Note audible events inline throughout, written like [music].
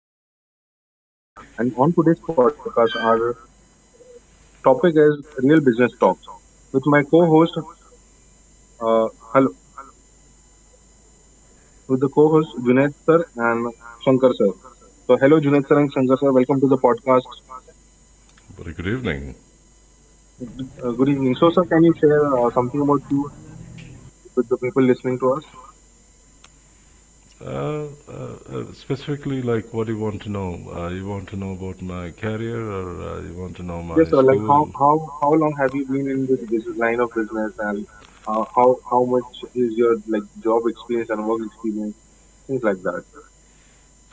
host for today's podcast. And on today's podcast, our topic is real business talks with my co-host, uh, hello, with the co-host Junaid sir and Shankar sir. So hello Junaid sir and Shankar sir, welcome to the podcast. Very good evening. Good evening. So sir, can you share something about you with the people listening to us? Specifically, like, what do you want to know? You want to know about my career, or you want to know Yes my sir, like how school? how how long have you been in this business, line of business and how much is your like job experience and work experience, things like that.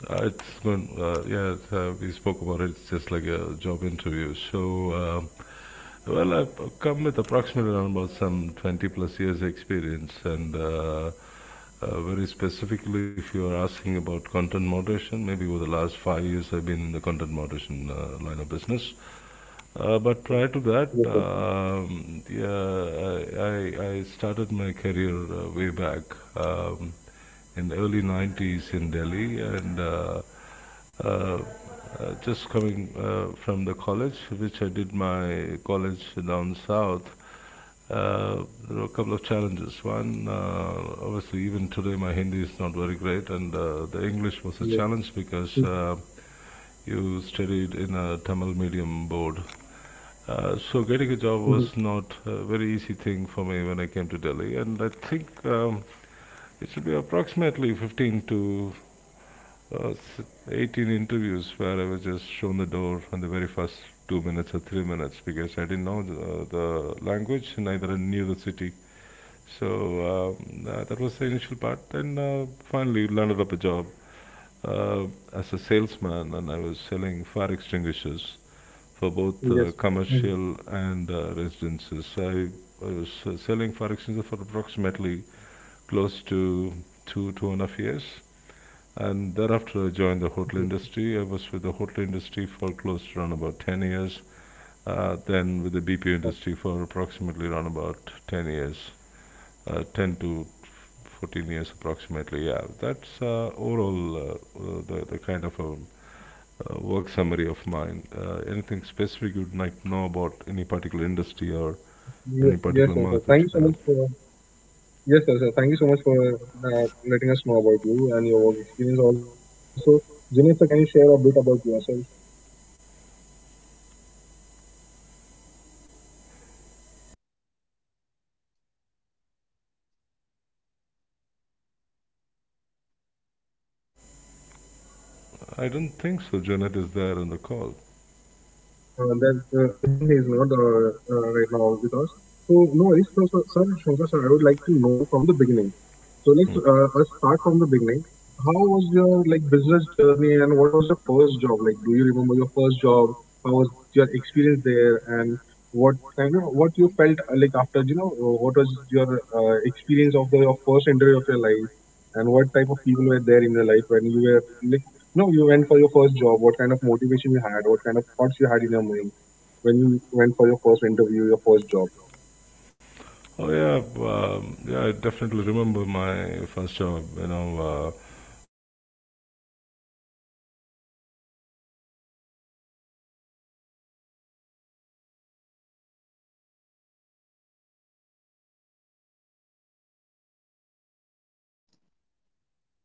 It's going, yeah, we spoke about it. It's just like a job interview. Well, I've come with approximately around about some 20 plus years experience. And very specifically, if you are asking about content moderation, maybe over the last 5 years, I've been in the content moderation line of business. But prior Yes to sir. that, yeah, I started my career way back um, in the early 90s in Delhi and uh, just coming from the college, which I did my college down south. There were a couple of challenges. One, obviously, even today my Hindi is not very great, and the English was Yes. a challenge Mhm. because you studied in a Tamil medium board. So getting a Mhm. job was not a very easy thing for me when I came to Delhi, and I think it should be approximately 15 to uh, 18 interviews where I was just shown the door in the very first 2 minutes or 3 minutes because I didn't know the language, and neither I knew the city. That was the initial part. And Finally landed up a job uh, as a salesman, and I was selling fire extinguishers for both Yes. Mhm. commercial and residences. I was selling fire extinguishers for approximately close to two and a half years, and thereafter, I joined the hotel industry. I was with the hotel industry for close to around about 10 years, then with the BPO industry for approximately around about 10 years, 10 to 14 years approximately. Yeah, that's overall the kind of a work summary of mine. Anything specific you'd like to know about any particular industry or Yes, any yes, sir. Sir, particular thank you so much market? For yes, sir. Sir, thank you so much for letting us know about you and your work experience. Also, Junior, sir, can you share a bit about yourself? I don't think so. Janet is there on the call. That I think he is not right now with us. So no worries, so, so, sir, Shankar sir, I would like to know from the beginning. So let's us start from the beginning. How was your like business journey and what was your first job like? Do you remember your first job? How was your experience there and what kind of what you felt like, after you know, what was your experience of the your first interview of your life, and what type of people were there in your life when you were like no, you went for your first job? What kind of motivation you had? What kind of thoughts you had in your mind when you went for your first interview, your first job? Oh yeah, yeah. I definitely remember my first job. You know, obviously people will remember the first love. The people will remember the first job. So that was the turning point of my life. And my very first job, as I told you, was selling fire extinguishers. And um, uh, uh,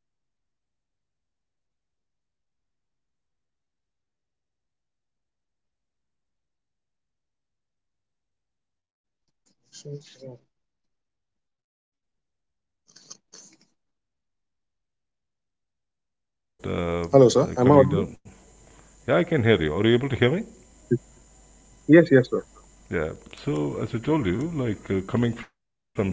the- It's the irony part of it is that. It was a salesman job, and that too in Delhi. And second part of it is that you need to speak the local language, which is Hindi. As I told you, just that Hello, sir. Am I audible? Coming down. Yeah, I can hear you. Are you able to hear me? Yes, yes, sir. Yeah. So as I told you, like coming from south,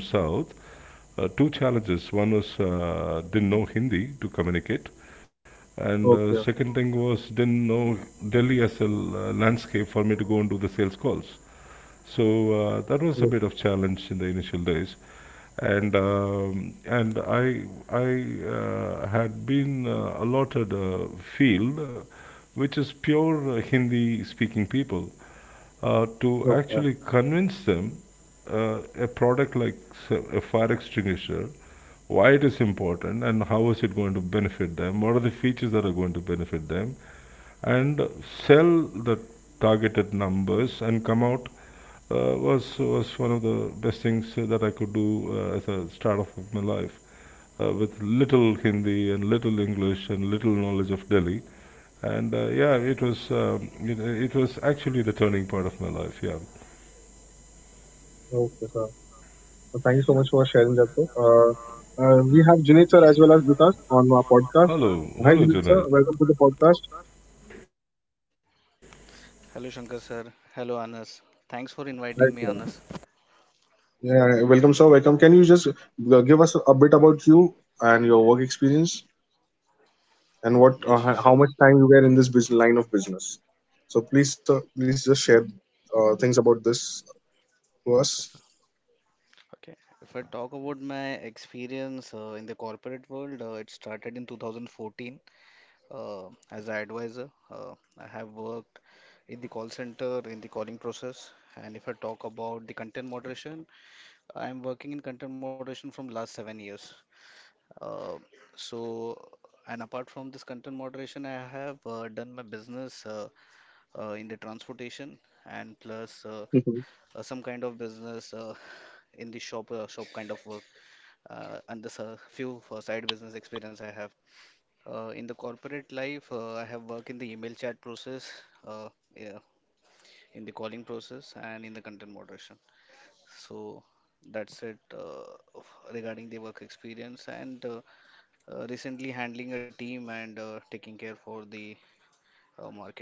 two challenges. One was didn't know Hindi to communicate, and Okay. Second thing was didn't know Delhi as a landscape for me to go and do the sales calls. So Yes. that was a bit of challenge in the initial days, and I had been allotted a field which is pure Hindi-speaking people to Okay. actually convince them a product like a fire extinguisher, why it is important and how is it going to benefit them, what are the features that are going to benefit them, and sell the targeted numbers and come out. Uh, was was one of the best things that I could do as a start off of my life with little Hindi and little English and little knowledge of Delhi. And yeah, it was actually the turning point of my life. Yeah. Okay, sir. So thank you so much for sharing that, sir. We have Junaid sir as well as with us on our podcast. Hello, Hi, hello, Junaid sir. Junaid. Welcome to the podcast. Hello, Shankar sir. Hello, Anas. Thanks for inviting Hi, me, sir. Anas. Yeah, welcome, sir. Welcome. Can you just give us a bit about you and your work experience, and what Yes, sure. how much time you were in this business, line of business? So please, please just share things about this to us. Okay. If I talk about my experience in the corporate world, it started in 2014 uh, as an advisor. I have worked in the call center, in the calling process. And if I talk about the content moderation, I am working in content moderation from last 7 years. Uh, so, and apart from this content moderation, I have done my business. In the transportation and plus Mhm. Some kind of business in the shop kind of work, and this few side business experience I have. In the corporate life, I have worked in the email chat process, uh, yeah, in the calling process, and in the content moderation. So that's it regarding the work experience, and recently handling a team and taking care for the market.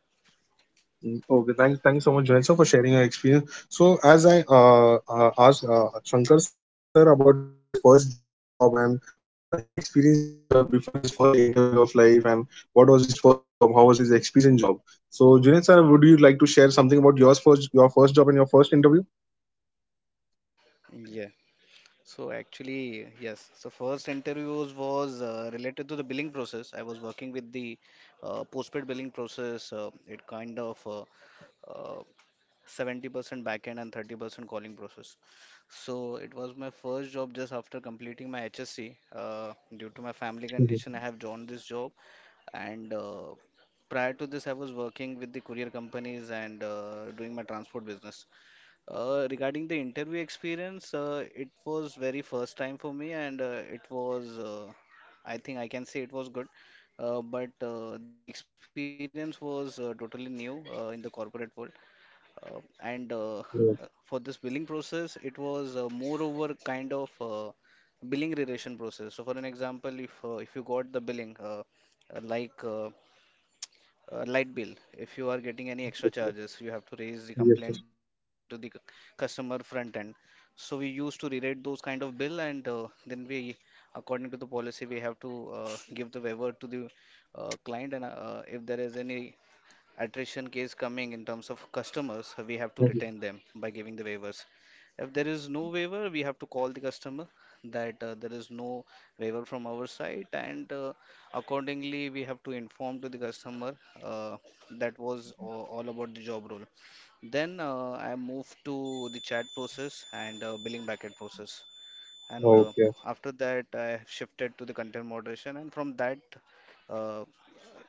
Mm, okay, thanks, thanks so much, Joel sir, for sharing your experience. So, as I asked Shankar sir about his first job and what experience he had before his first interview of life, and what was his first job, how was his experience in job. So, Junaid sir, would you like to share something about yours first, your first job and your first interview? So actually, yes. So first interviews was related to the billing process. I was working with the postpaid billing process. It kind of uh, 70% backend and 30% calling process. So it was my first job just after completing my HSC. Due Mhm. to my family condition, I have joined this job. And prior to this, I was working with the courier companies and doing my transport business. Regarding the interview experience, it was very first time for me, and I think I can say it was good. But The experience was totally new in the corporate world, and Okay. for this billing process. It was moreover kind of billing relation process. So, for an example, if you got the billing, uh, like uh, light bill, if you are getting any extra charges, you have to Yes, raise the yes. complaint to the customer front end. So we used to rewrite those kind of bill, and then, we, according to the policy, we have to give the waiver to the client. And if there is any attrition case coming in terms of customers, we have to Mhm. retain them by giving the waivers. If there is no waiver, we have to call the customer that there is no waiver from our side, and accordingly, we have to inform to the customer uh, that was all about the job role. Then I move to the chat process and billing backend process, and Okay. after that, I have shifted to the content moderation, and from that, uh,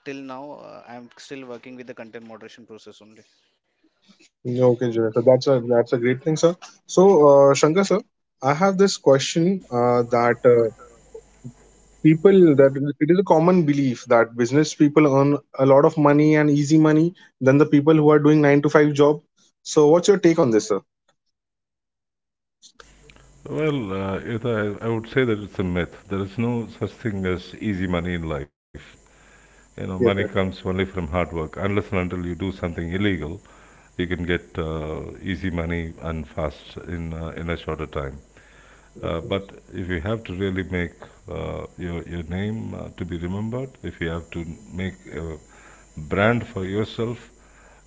till now, I'm still working with the content moderation process only. Okay, Jay. So that's a great thing, sir. So, Shankar sir, I have this question that people that it is a common belief that business people earn a lot of money and easy money than the people who are doing nine to five job. So, what's your take on this, sir? Well, Yota, I would say that it's a myth. There is no such thing as easy money in life. You know, money Yes, comes sir. only from hard work. Unless and until you do something illegal, you can get easy money and fast in a shorter time. Yes, sir. But if you have to really make your your name to be remembered, if you have to make a brand for yourself,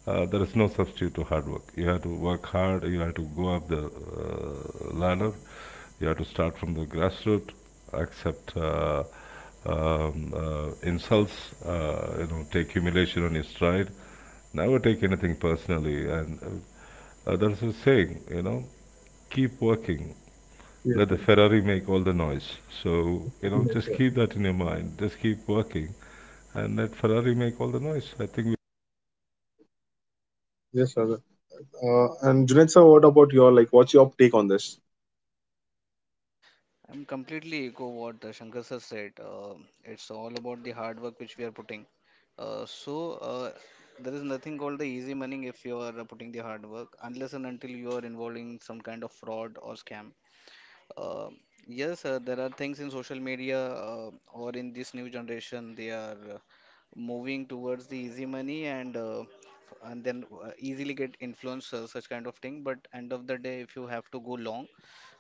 there is no substitute to hard work. You have to work hard. You have to go up the ladder. You have to start from the grassroots, accept insults, you know, take humiliation on your stride. Never take anything personally. And There's a saying, you know, keep working, Yes, let the sir. Ferrari make all the noise. So, you know, Yes, just sir. keep that in your mind. Just keep working and let Ferrari make all the noise. I think, Yes, sir. And Junaid sir, what about your like? What's your take on this? I'm completely echo what Shankar sir said. It's all about the hard work which we are putting. Uh, so uh, there is nothing called the easy money if you are putting the hard work, unless and until you are involving some kind of fraud or scam. Uh, yes, there are things in social media or in this new generation. They are moving towards the easy money, and f- and then easily get influenced, such kind of thing. But end of the day, if you have to go long,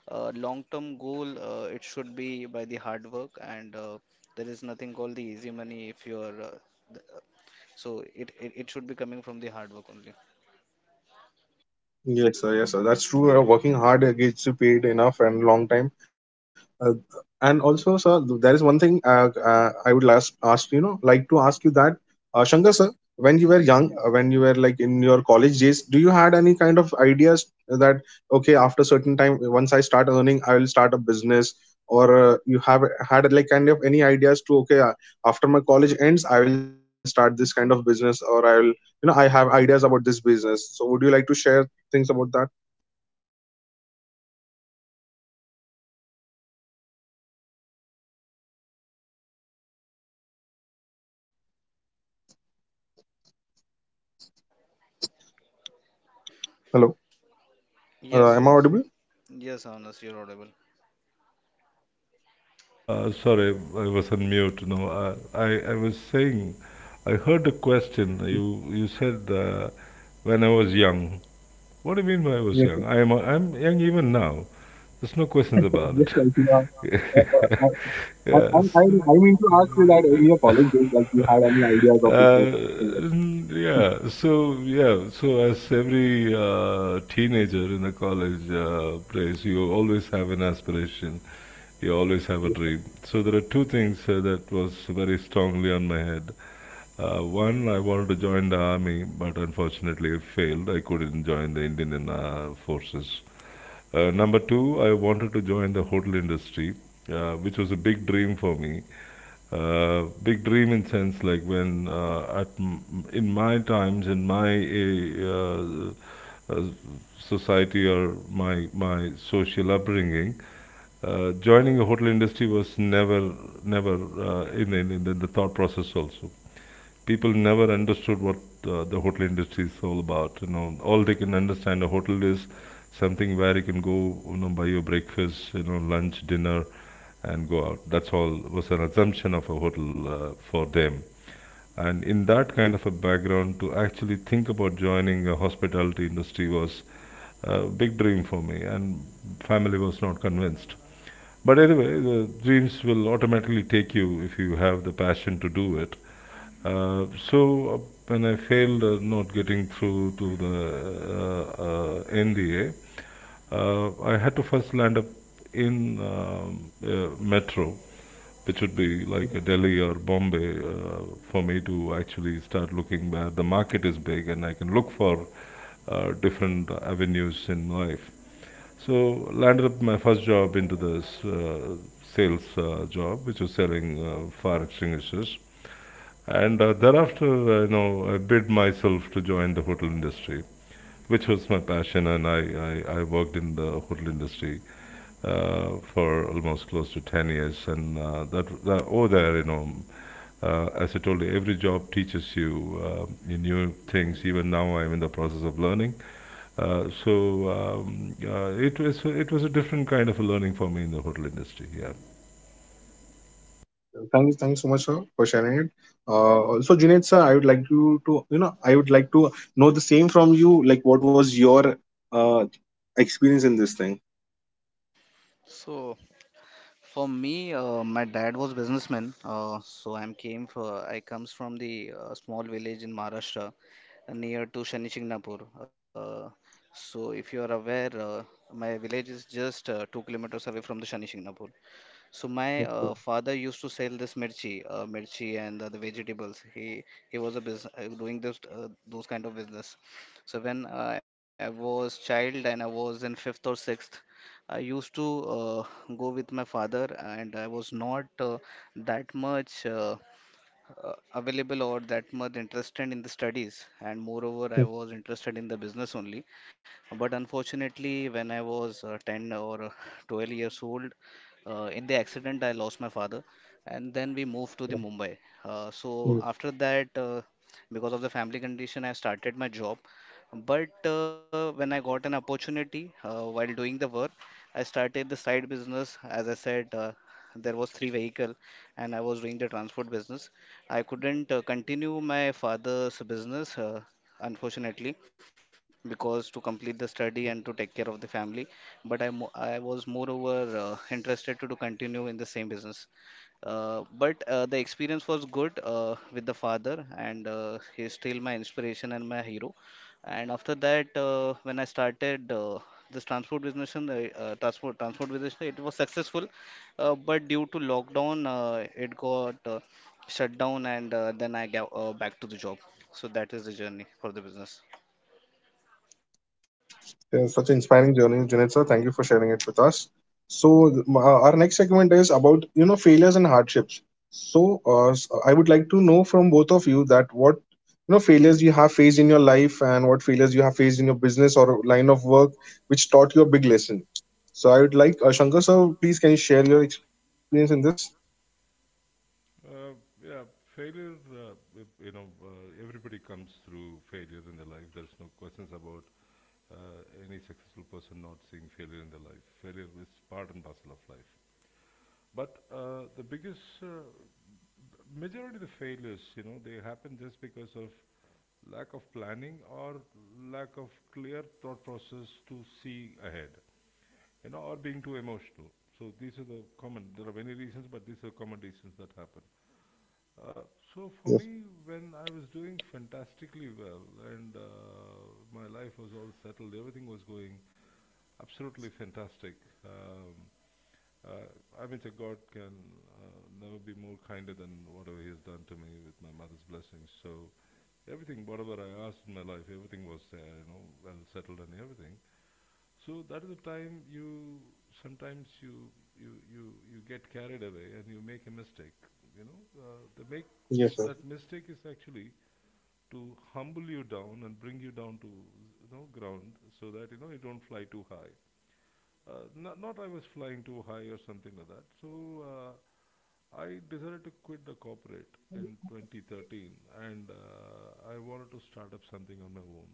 long-term goal, it should be by the hard work, and there is nothing called the easy money if you are. Th- uh, so it should be coming from the hard work only. Yes, sir. Yes, sir. That's true. Working hard gets you paid enough and long time. Uh, and also, sir, there is one thing I would last ask you know, like to ask you that, Shankar sir, when you were young, when you were like in your college days, do you had any kind of ideas that okay, after certain time, once I start earning, I will start a business, or you have had like kind of any ideas to okay, after my college ends, I will start this kind of business, or I will, you know, I have ideas about this business, so would you like to share things about that? Hello, Yes, am I yes, audible? yes, Honest, you're audible. Sorry, I was on mute. No, I was saying, I heard a question. You said when I was young. What do you mean by I was Yes, young? sir. I'm young even now. There's no questions [laughs] about Yes, it. like you are. [laughs] I, I, I, I, I Yes. I mean to ask you that in your college days, like you had any ideas of this book? Or something like As every teenager in a college place, you always have an aspiration, you always have a dream. yes, So there are two things that was very strongly on my head. One, I wanted to join the army, but unfortunately, I failed. I couldn't join the Indian forces. Number two, I wanted to join the hotel industry, which was a big dream for me. Big dream in sense like when in my times in my uh, uh, society or my social upbringing, joining a hotel industry was never in the thought process also, people never understood what the hotel industry is all about. You know, all they can understand a hotel is something where you can go, you know, buy your breakfast, you know, lunch, dinner, and go out. That's all was an assumption of a hotel for them. And in that kind of a background, to actually think about joining a hospitality industry was a big dream for me, and family was not convinced. But anyway, the dreams will automatically take you if you have the passion to do it. So uh, when I failed not getting through to the NDA, I had to first land up in metro, which would be like Delhi or Bombay, for me to actually start looking where the market is big and I can look for different avenues in life. So landed up my first job into this sales job, which was selling fire extinguishers. And thereafter, you know, I bid myself to join the hotel industry, which was my passion, and I worked in the hotel industry for almost close to 10 years. That over there, you know, as I told you, every job teaches you new things. Even now, I'm in the process of learning. It was a different kind of a learning for me in the hotel industry. Yeah, thanks, thanks so much, sir, for sharing it. Also, Junaid sir, I would like you to, you know, I would like to know the same from you. Like, what was your uh, experience in this thing? So, for me, my dad was businessman, so I'm came for I comes from the small village in Maharashtra near to Shani Chingnapur. Uh, so if you are aware, my village is just 2 kilometers away from the Shani Chingnapur. So my father used to sell this mirchi and the vegetables. He was a business doing this those kind of business. So when I was child and I was in fifth or sixth, I used to uh, go with my father, and I was not uh, that much. Available or that much interested in the studies, and moreover, I was interested in the business only. But unfortunately, when I was 10 or 12 years old, in the accident, I lost my father, and then we moved to the Mumbai. So Okay. after that, because of the family condition, I started my job. But when I got an opportunity, while doing the work, I started the side business. As I said, there was three vehicle and I was doing the transport business. I couldn't continue my father's business, unfortunately, because to complete the study and to take care of the family. But I was moreover interested to continue in the same business. But The experience was good with the father, and he's still my inspiration and my hero. And after that, when I started this transport business, and, transport business, it was successful. But due to lockdown, it got shut down, and then I got back to the job. So that is the journey for the business. Yeah, such an inspiring journey, Junaid sir. Thank you for sharing it with us. So our next segment is about you know failures and hardships. So I would like to know from both of you that what you know failures you have faced in your life and what failures you have faced in your business or line of work which taught you a big lesson. So I would like Shankar sir, please can you share your experience in this? uh, yeah. Failure, you know, everybody comes through failure in their life. There's no questions about any successful person not seeing failure in their life. Failure is part and parcel of life. But the biggest majority of the failures, you know, they happen just because of lack of planning or lack of clear thought process to see ahead, you know, or being too emotional. So these are the common. There are many reasons, but these are common reasons that happen. Uh, so for Yes, me, when I was doing fantastically well and my life was all settled, everything was going absolutely fantastic. Um, uh, I mean, so God can never be more kinder than whatever He has done to me with my mother's blessings. So everything, whatever I asked in my life, everything was there, you know, well settled and everything. So that is the time you sometimes you get carried away and you make a mistake. You know, yes, that sir. mistake is actually to humble you down and bring you down to, you know, ground, so that you know you don't fly too high. Not I was flying too high or something like that. So I decided to quit the corporate in 2013, and I wanted to start up something on my own.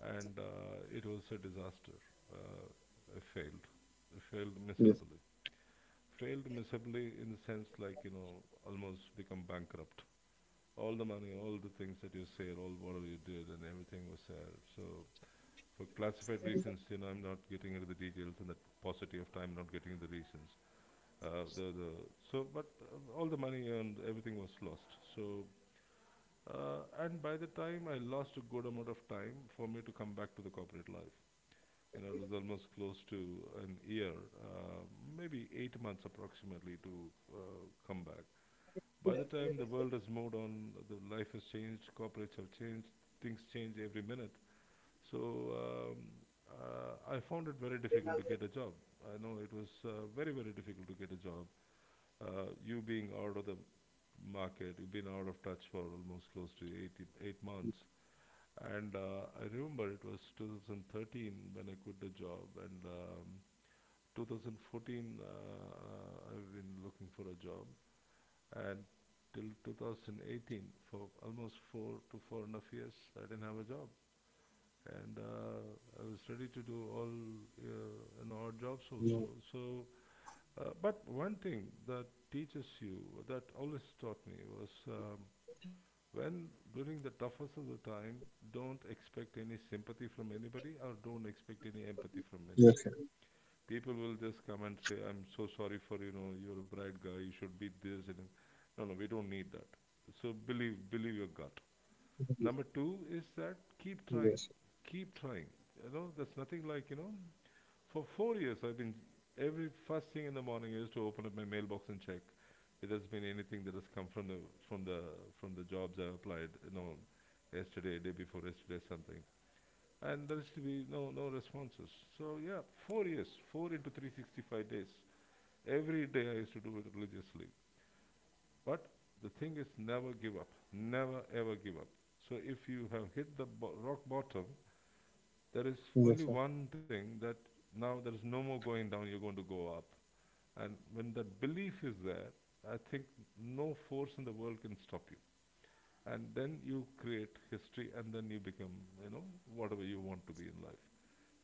And it was a disaster. Uh, I failed. I failed miserably, Yes. failed miserably in the sense like you know almost become bankrupt, all the money, all the things that you said, all whatever you did and everything was there. So for classified reasons, you know, I'm not getting into the details and the paucity of time, not getting into the reasons. The so But all the money and everything was lost. So and by the time I lost a good amount of time for me to come back to the corporate life, you know, it was almost close to an year, uh, maybe 8 months approximately to come back. By the time the world has moved on, the life has changed, corporates have changed, things change every minute. So um, I found it very difficult to get a job. I know it was very, very difficult to get a job. You being out of the market, you've been out of touch for almost close to 8 months. And I remember it was 2013 when I quit the job, and 2014, I've been looking for a job, and till Mm. 2018, for almost four to four and a half years, I didn't have a job, and I No, was ready to do all and odd jobs also. So, but one thing that teaches you, that always taught me was, when during the toughest of the time, don't expect any sympathy from anybody or don't expect any empathy from anybody. yes, sir. People will just come and say, "I'm so sorry for, you know, you're a bright guy, you should be this and." No, no, we don't need that. So believe your gut. Yes, Number two is that yes, keep trying, keep trying. You know, there's nothing like, you know, for 4 years I've been, every first thing in the morning is to open up my mailbox and check if there's been anything that has come from from the, from the jobs I applied, you know, yesterday, day before yesterday, something. And there is to be no, no responses. So yeah, 4 years, four into 365 days. Every day I used to do it religiously. But the thing is, never give up. Never ever give up. So if you have hit the rock bottom, there is only one yes, thing that now there is no more going down. You're going to go up. And when that belief is there, I think no force in the world can stop you, and then you create history, and then you become, you know, whatever you want to be in life.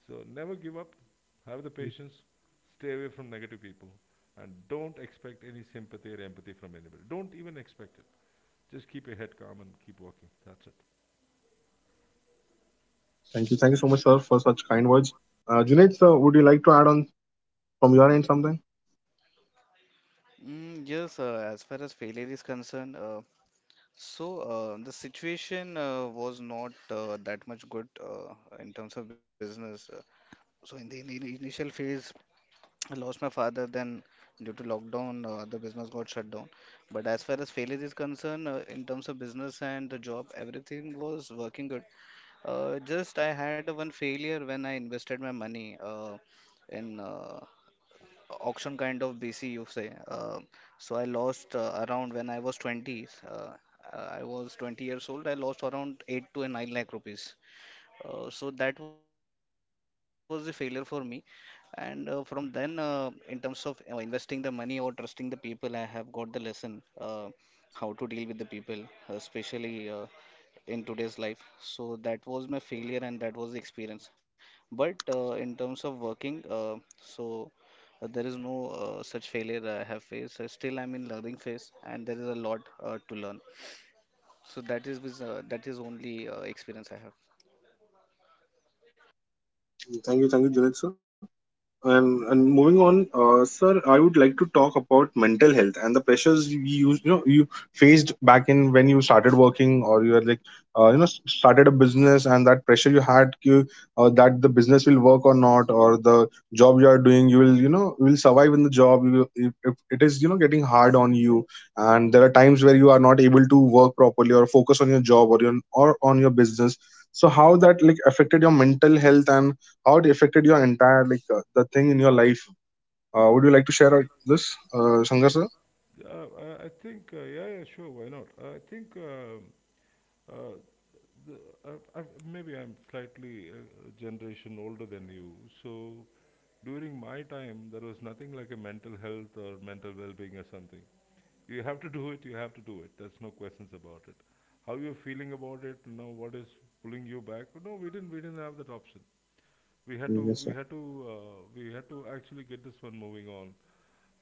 So never give up, have the sir. patience, stay away from negative people, and don't expect any sympathy or empathy from anybody. Don't even expect it. Just keep your head calm and keep walking. That's it. Thank you so much, sir, for such kind words. Junaid sir, would you like to add on from your end something? Yes, as far as failure is concerned, the situation was not that much good in terms of business. In the initial phase, I lost my father. Then, due to lockdown, the business got shut down. But as far as failure is concerned, in terms of business and the job, everything was working good. Just I had one failure when I invested my money uh, in auction kind of BC, you say. So I lost around when I was 20. I was 20 years old. I lost around 8 to 9 lakh rupees. So that was a failure for me. And from then, in terms of investing the money or trusting the people, I have got the lesson how to deal with the people, especially in today's life. So that was my failure and that was the experience. But in terms of working, there is no such failure I have faced. Still, I'm in learning phase and there is a lot to learn. So that is with, that is only experience I have. Thank you, Junaid sir. And moving on, sir, I would like to talk about mental health and the pressures you used, you know, you faced back in when you started working or you were like, you know, started a business, and that pressure you had that the business will work or not, or the job you are doing, you will, you know, you will survive in the job. You, if it is, you know, getting hard on you and there are times where you are not able to work properly or focus on your job or your, or on your business. So how that like affected your mental health and how it affected your entire like the thing in your life. Would you like to share this, Shankar sir? I think Yeah, yeah, sure, why not? I think Uh, the, maybe I'm slightly a generation older than you. So during my time, there was nothing like a mental health or mental well-being or something. You have to do it. You have to do it. There's no questions about it. How you're feeling about it now? What is pulling you back? No, we didn't. We didn't have that option we had to we Yes, sir. had to we had to actually get this one moving on.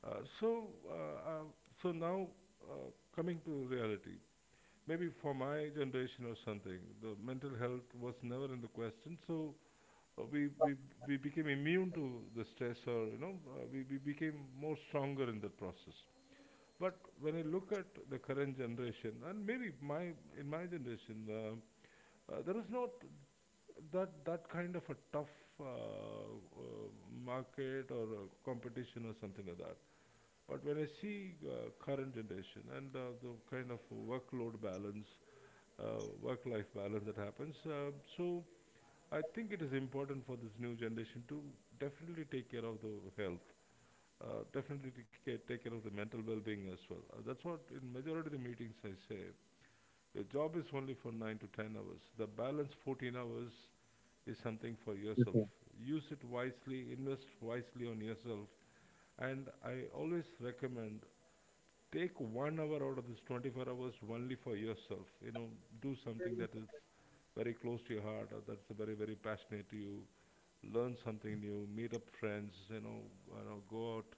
So uh, uh, so now uh, Coming to reality, maybe for my generation or something, the mental health was never in the question. So we we became immune to the stress, or you know, we became more stronger in the process. But when I look at the current generation, and maybe my, in my generation, there is not that kind of a tough uh, uh, market or competition or something like that. But when I see current generation and the kind of workload balance, work-life balance that happens, so I think it is important for this new generation to definitely take care of the health, definitely take care of the mental well-being as well. That's what in majority of the meetings I say. Your job is only for 9 to 10 hours. The balance 14 hours is something for yourself. Yes, sir. Use it wisely, invest wisely on yourself. And I always recommend take 1 hour out of this 24 hours only for yourself, you know, do something that is very close to your heart or that's very, very passionate to you. Learn something new, meet up friends, you know, you know, go out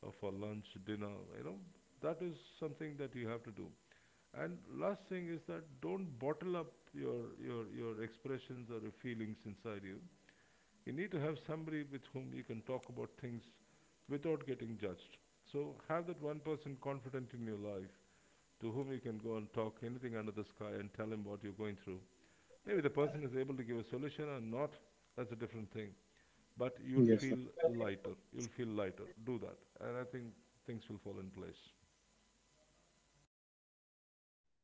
for lunch, dinner, you know, that is something that you have to do. And last thing is that don't bottle up your expressions or your feelings inside you. You need to have somebody with whom you can talk about things without getting judged. So have that one person confident in your life to whom you can go and talk anything under the sky and tell him what you're going through. Maybe the person is able to give a solution or not, that's a different thing. But you'll Yes, feel sir. lighter. You'll feel lighter. Do that. And I think things will fall in place.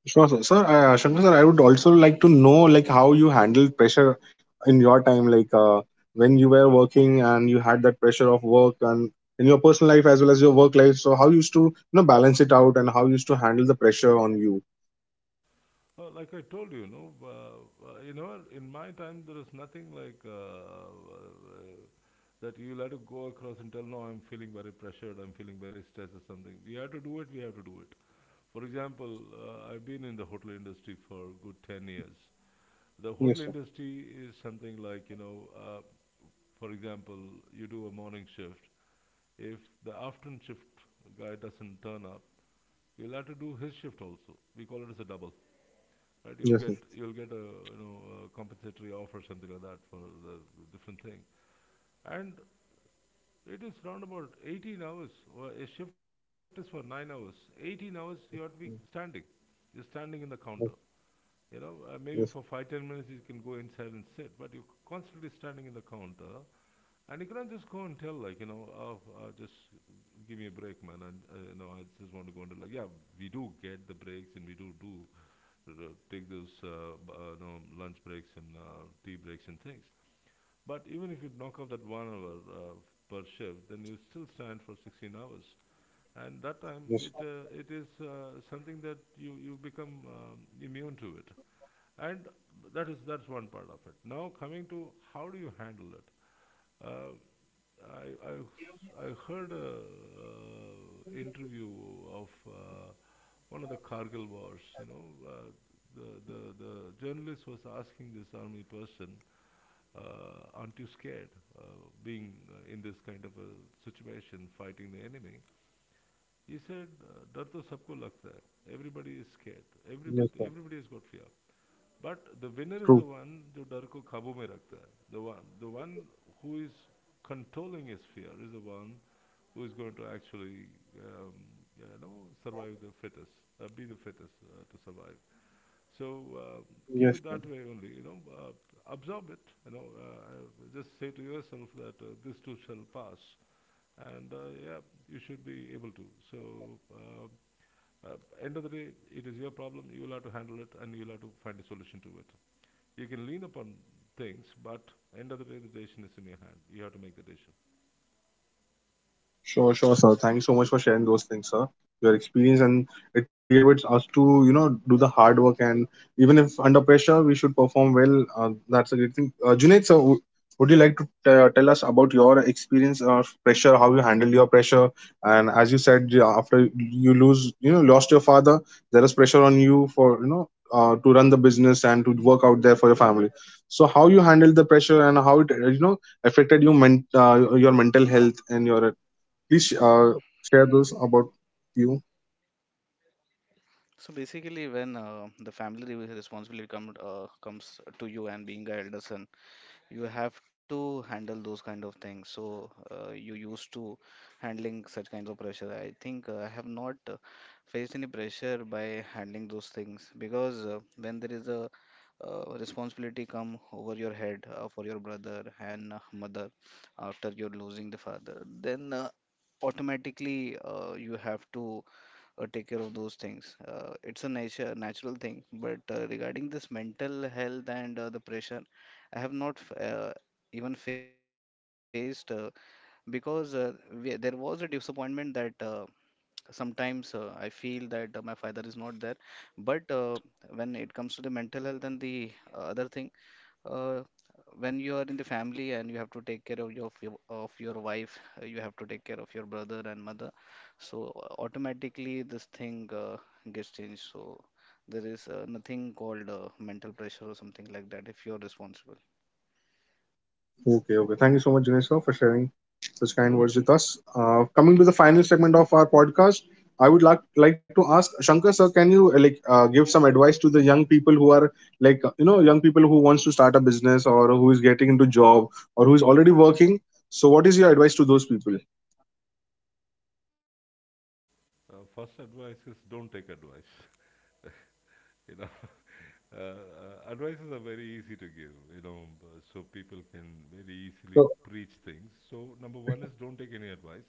Sure, sir. Sir, Shankar sir, I would also like to know like how you handled pressure in your time, like when you were working and you had that pressure of work and in your personal life as well as your work life. So how you used to you know balance it out and how you used to handle the pressure on you? Like I told you, no, you know, in my time there is nothing like that. You'll have to go across and tell, no, I'm feeling very pressured. I'm feeling very stressed or something. We have to do it. We have to do it. For example, I've been in the hotel industry for good 10 years. The hotel Yes, sir. industry is something like, you know, for example, you do a morning shift. If the afternoon shift guy doesn't turn up, you'll have to do his shift also. We call it as a double. Right, you'll get Yes, sir. you'll get a, you know, a compensatory offer, something like that for the different thing, and it is round about 18 hours. A shift is for 9 hours. 18 hours you have to be standing. Yes, You're standing in the counter. You know, maybe for yes, 5, 10 minutes you can go inside and sit, but you're constantly standing in the counter. And you can't just go and tell, like, you know, oh, just give me a break, man. And, you know, I just want to go into, like, yeah, we do get the breaks, and we do do take those, you know, lunch breaks and tea breaks and things. But even if you knock off that 1 hour per shift, then you still stand for 16 hours. And that time, yes, it it is something that you become immune to it, and that is, that's one part of it. Now coming to how do you handle it? Uh, I, I, I heard a interview of one of the Kargil wars. You know, the journalist was asking this army person, "Aren't you scared uh, being in this kind of a situation, fighting the enemy?" He said, "अ, डर तो सबको लगता है, everybody is everybody yes, sir. Everybody everybody is got fear, but the winner is True. The one, जो डर को काबू में रखता, the one the one who is controlling is fear, is the one who is going to, you know, survive the fittest, be the fittest to survive. So uh, keep Yes it sir. that way only, you know, absorb it, you know, just say to yourself that this too shall pass, and yeah, you should be able to. So, uh, uh, end of the day, it is your problem. You will have to handle it, and you will have to find a solution to it. You can lean upon things, but end of the day, the decision is in your hand. You have to make the decision. Sure, sure, sir. Thanks so much for sharing those things, sir. Your experience, and it really motivates us to, you know, do the hard work and even if under pressure, we should perform well. That's a great thing. Junaid, sir, would you like to tell us about your experience of pressure, how you handle your pressure? And as you said, yeah, after you lose, you know, lost your father, there is pressure on you for, you know, to run the business and to work out there for your family. So how you handle the pressure and how it, you know, affected you your mental health and your please share those about you. So basically, when responsibility comes to you and being a elder son, you have to handle those kind of things. So you used to handling such kinds of pressure. I think I have not faced any pressure by handling those things, because when there is a responsibility come over your head for your brother and mother after you're losing the father, then automatically you have to take care of those things. It's a nature natural thing. But regarding this mental health and the pressure, I have not even faced, because there was a disappointment that sometimes I feel that my father is not there. But when it comes to the mental health and the other thing, uh, when you are in the family and you have to take care of your wife, you have to take care of your brother and mother. So automatically this thing gets changed. So there is nothing called mental pressure or something like that if you are responsible. Okay, okay. Thank you so much, Jinesh, sir, for sharing such kind words with us. Coming to the final segment of our podcast, I would like to ask Shankar sir, can you like give some advice to the young people who are like you know young people who wants to start a business or who is getting into job or who is already working. So, what is your advice to those people? First advice is don't take advice. [laughs] You know, [laughs] advices are very easy to give. You know, so people can very easily So, preach things. So number one is don't take any advice,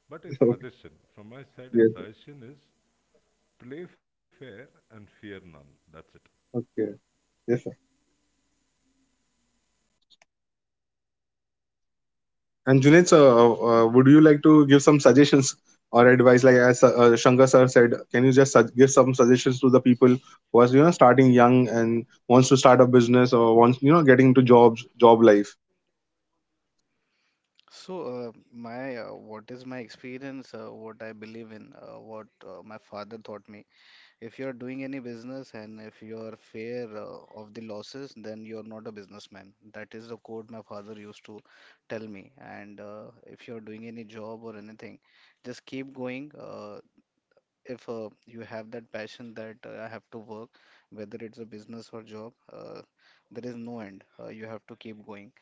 but a [laughs] suggestion from my side. A yes, suggestion is, play fair and fear none. That's it. okay, yes, and Junaid, sir, would you like to give some suggestions or advice? Like as Shankar sir said, can you just give some suggestions to the people who are you know starting young and wants to start a business or wants you know getting into jobs, job life? So, my what is my experience? What I believe in? What my father taught me? If you are doing any business and if you are fair of the losses, then you are not a businessman. That is the quote my father used to tell me. And if you are doing any job or anything, just keep going. If you have that passion that I have to work, whether it's a business or job, there is no end. You have to keep going.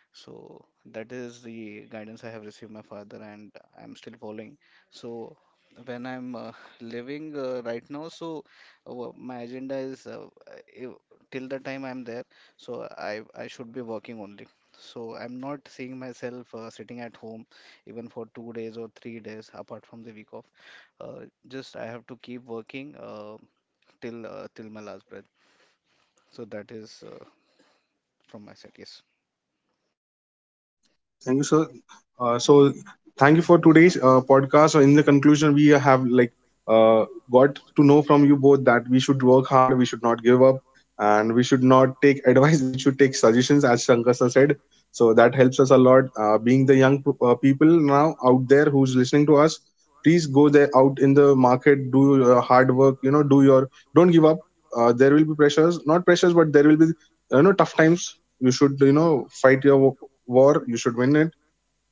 So that is the guidance I have received my father, and I'm still following. So when I'm living right now, so my agenda is if, till the time I'm there, so I should be working only. So I'm not seeing myself sitting at home even for 2 days or 3 days apart from the week off. Uh, just I have to keep working till my last breath. So that is from my side. Yes. Thank you, sir. So, thank you for today's podcast. So, in the conclusion, we have like uh, got to know from you both that we should work hard, we should not give up, and we should not take [laughs] advice. We should take suggestions, as Shankar sir said. So that helps us a lot. Being the young people now out there who's listening to us, please go there out in the market, do your hard work. You know, do your don't give up. There will be pressures, not pressures, but there will be you know tough times. You should, you know, fight your war. You should win it.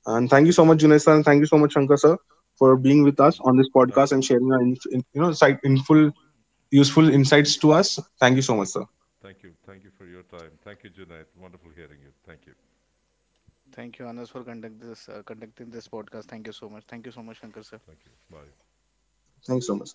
And thank you so much, Junaid sir, and thank you so much, Shankar sir, for being with us on this podcast and sharing your, you know, insightful, useful insights to us. Thank you so much, sir. Thank you. Thank you for your time. Thank you, Junaid. Wonderful hearing you. Thank you. Thank you, Anas, for conducting this podcast. Thank you so much. Thank you so much, Shankar sir. Thank you. Bye. Thank you so much.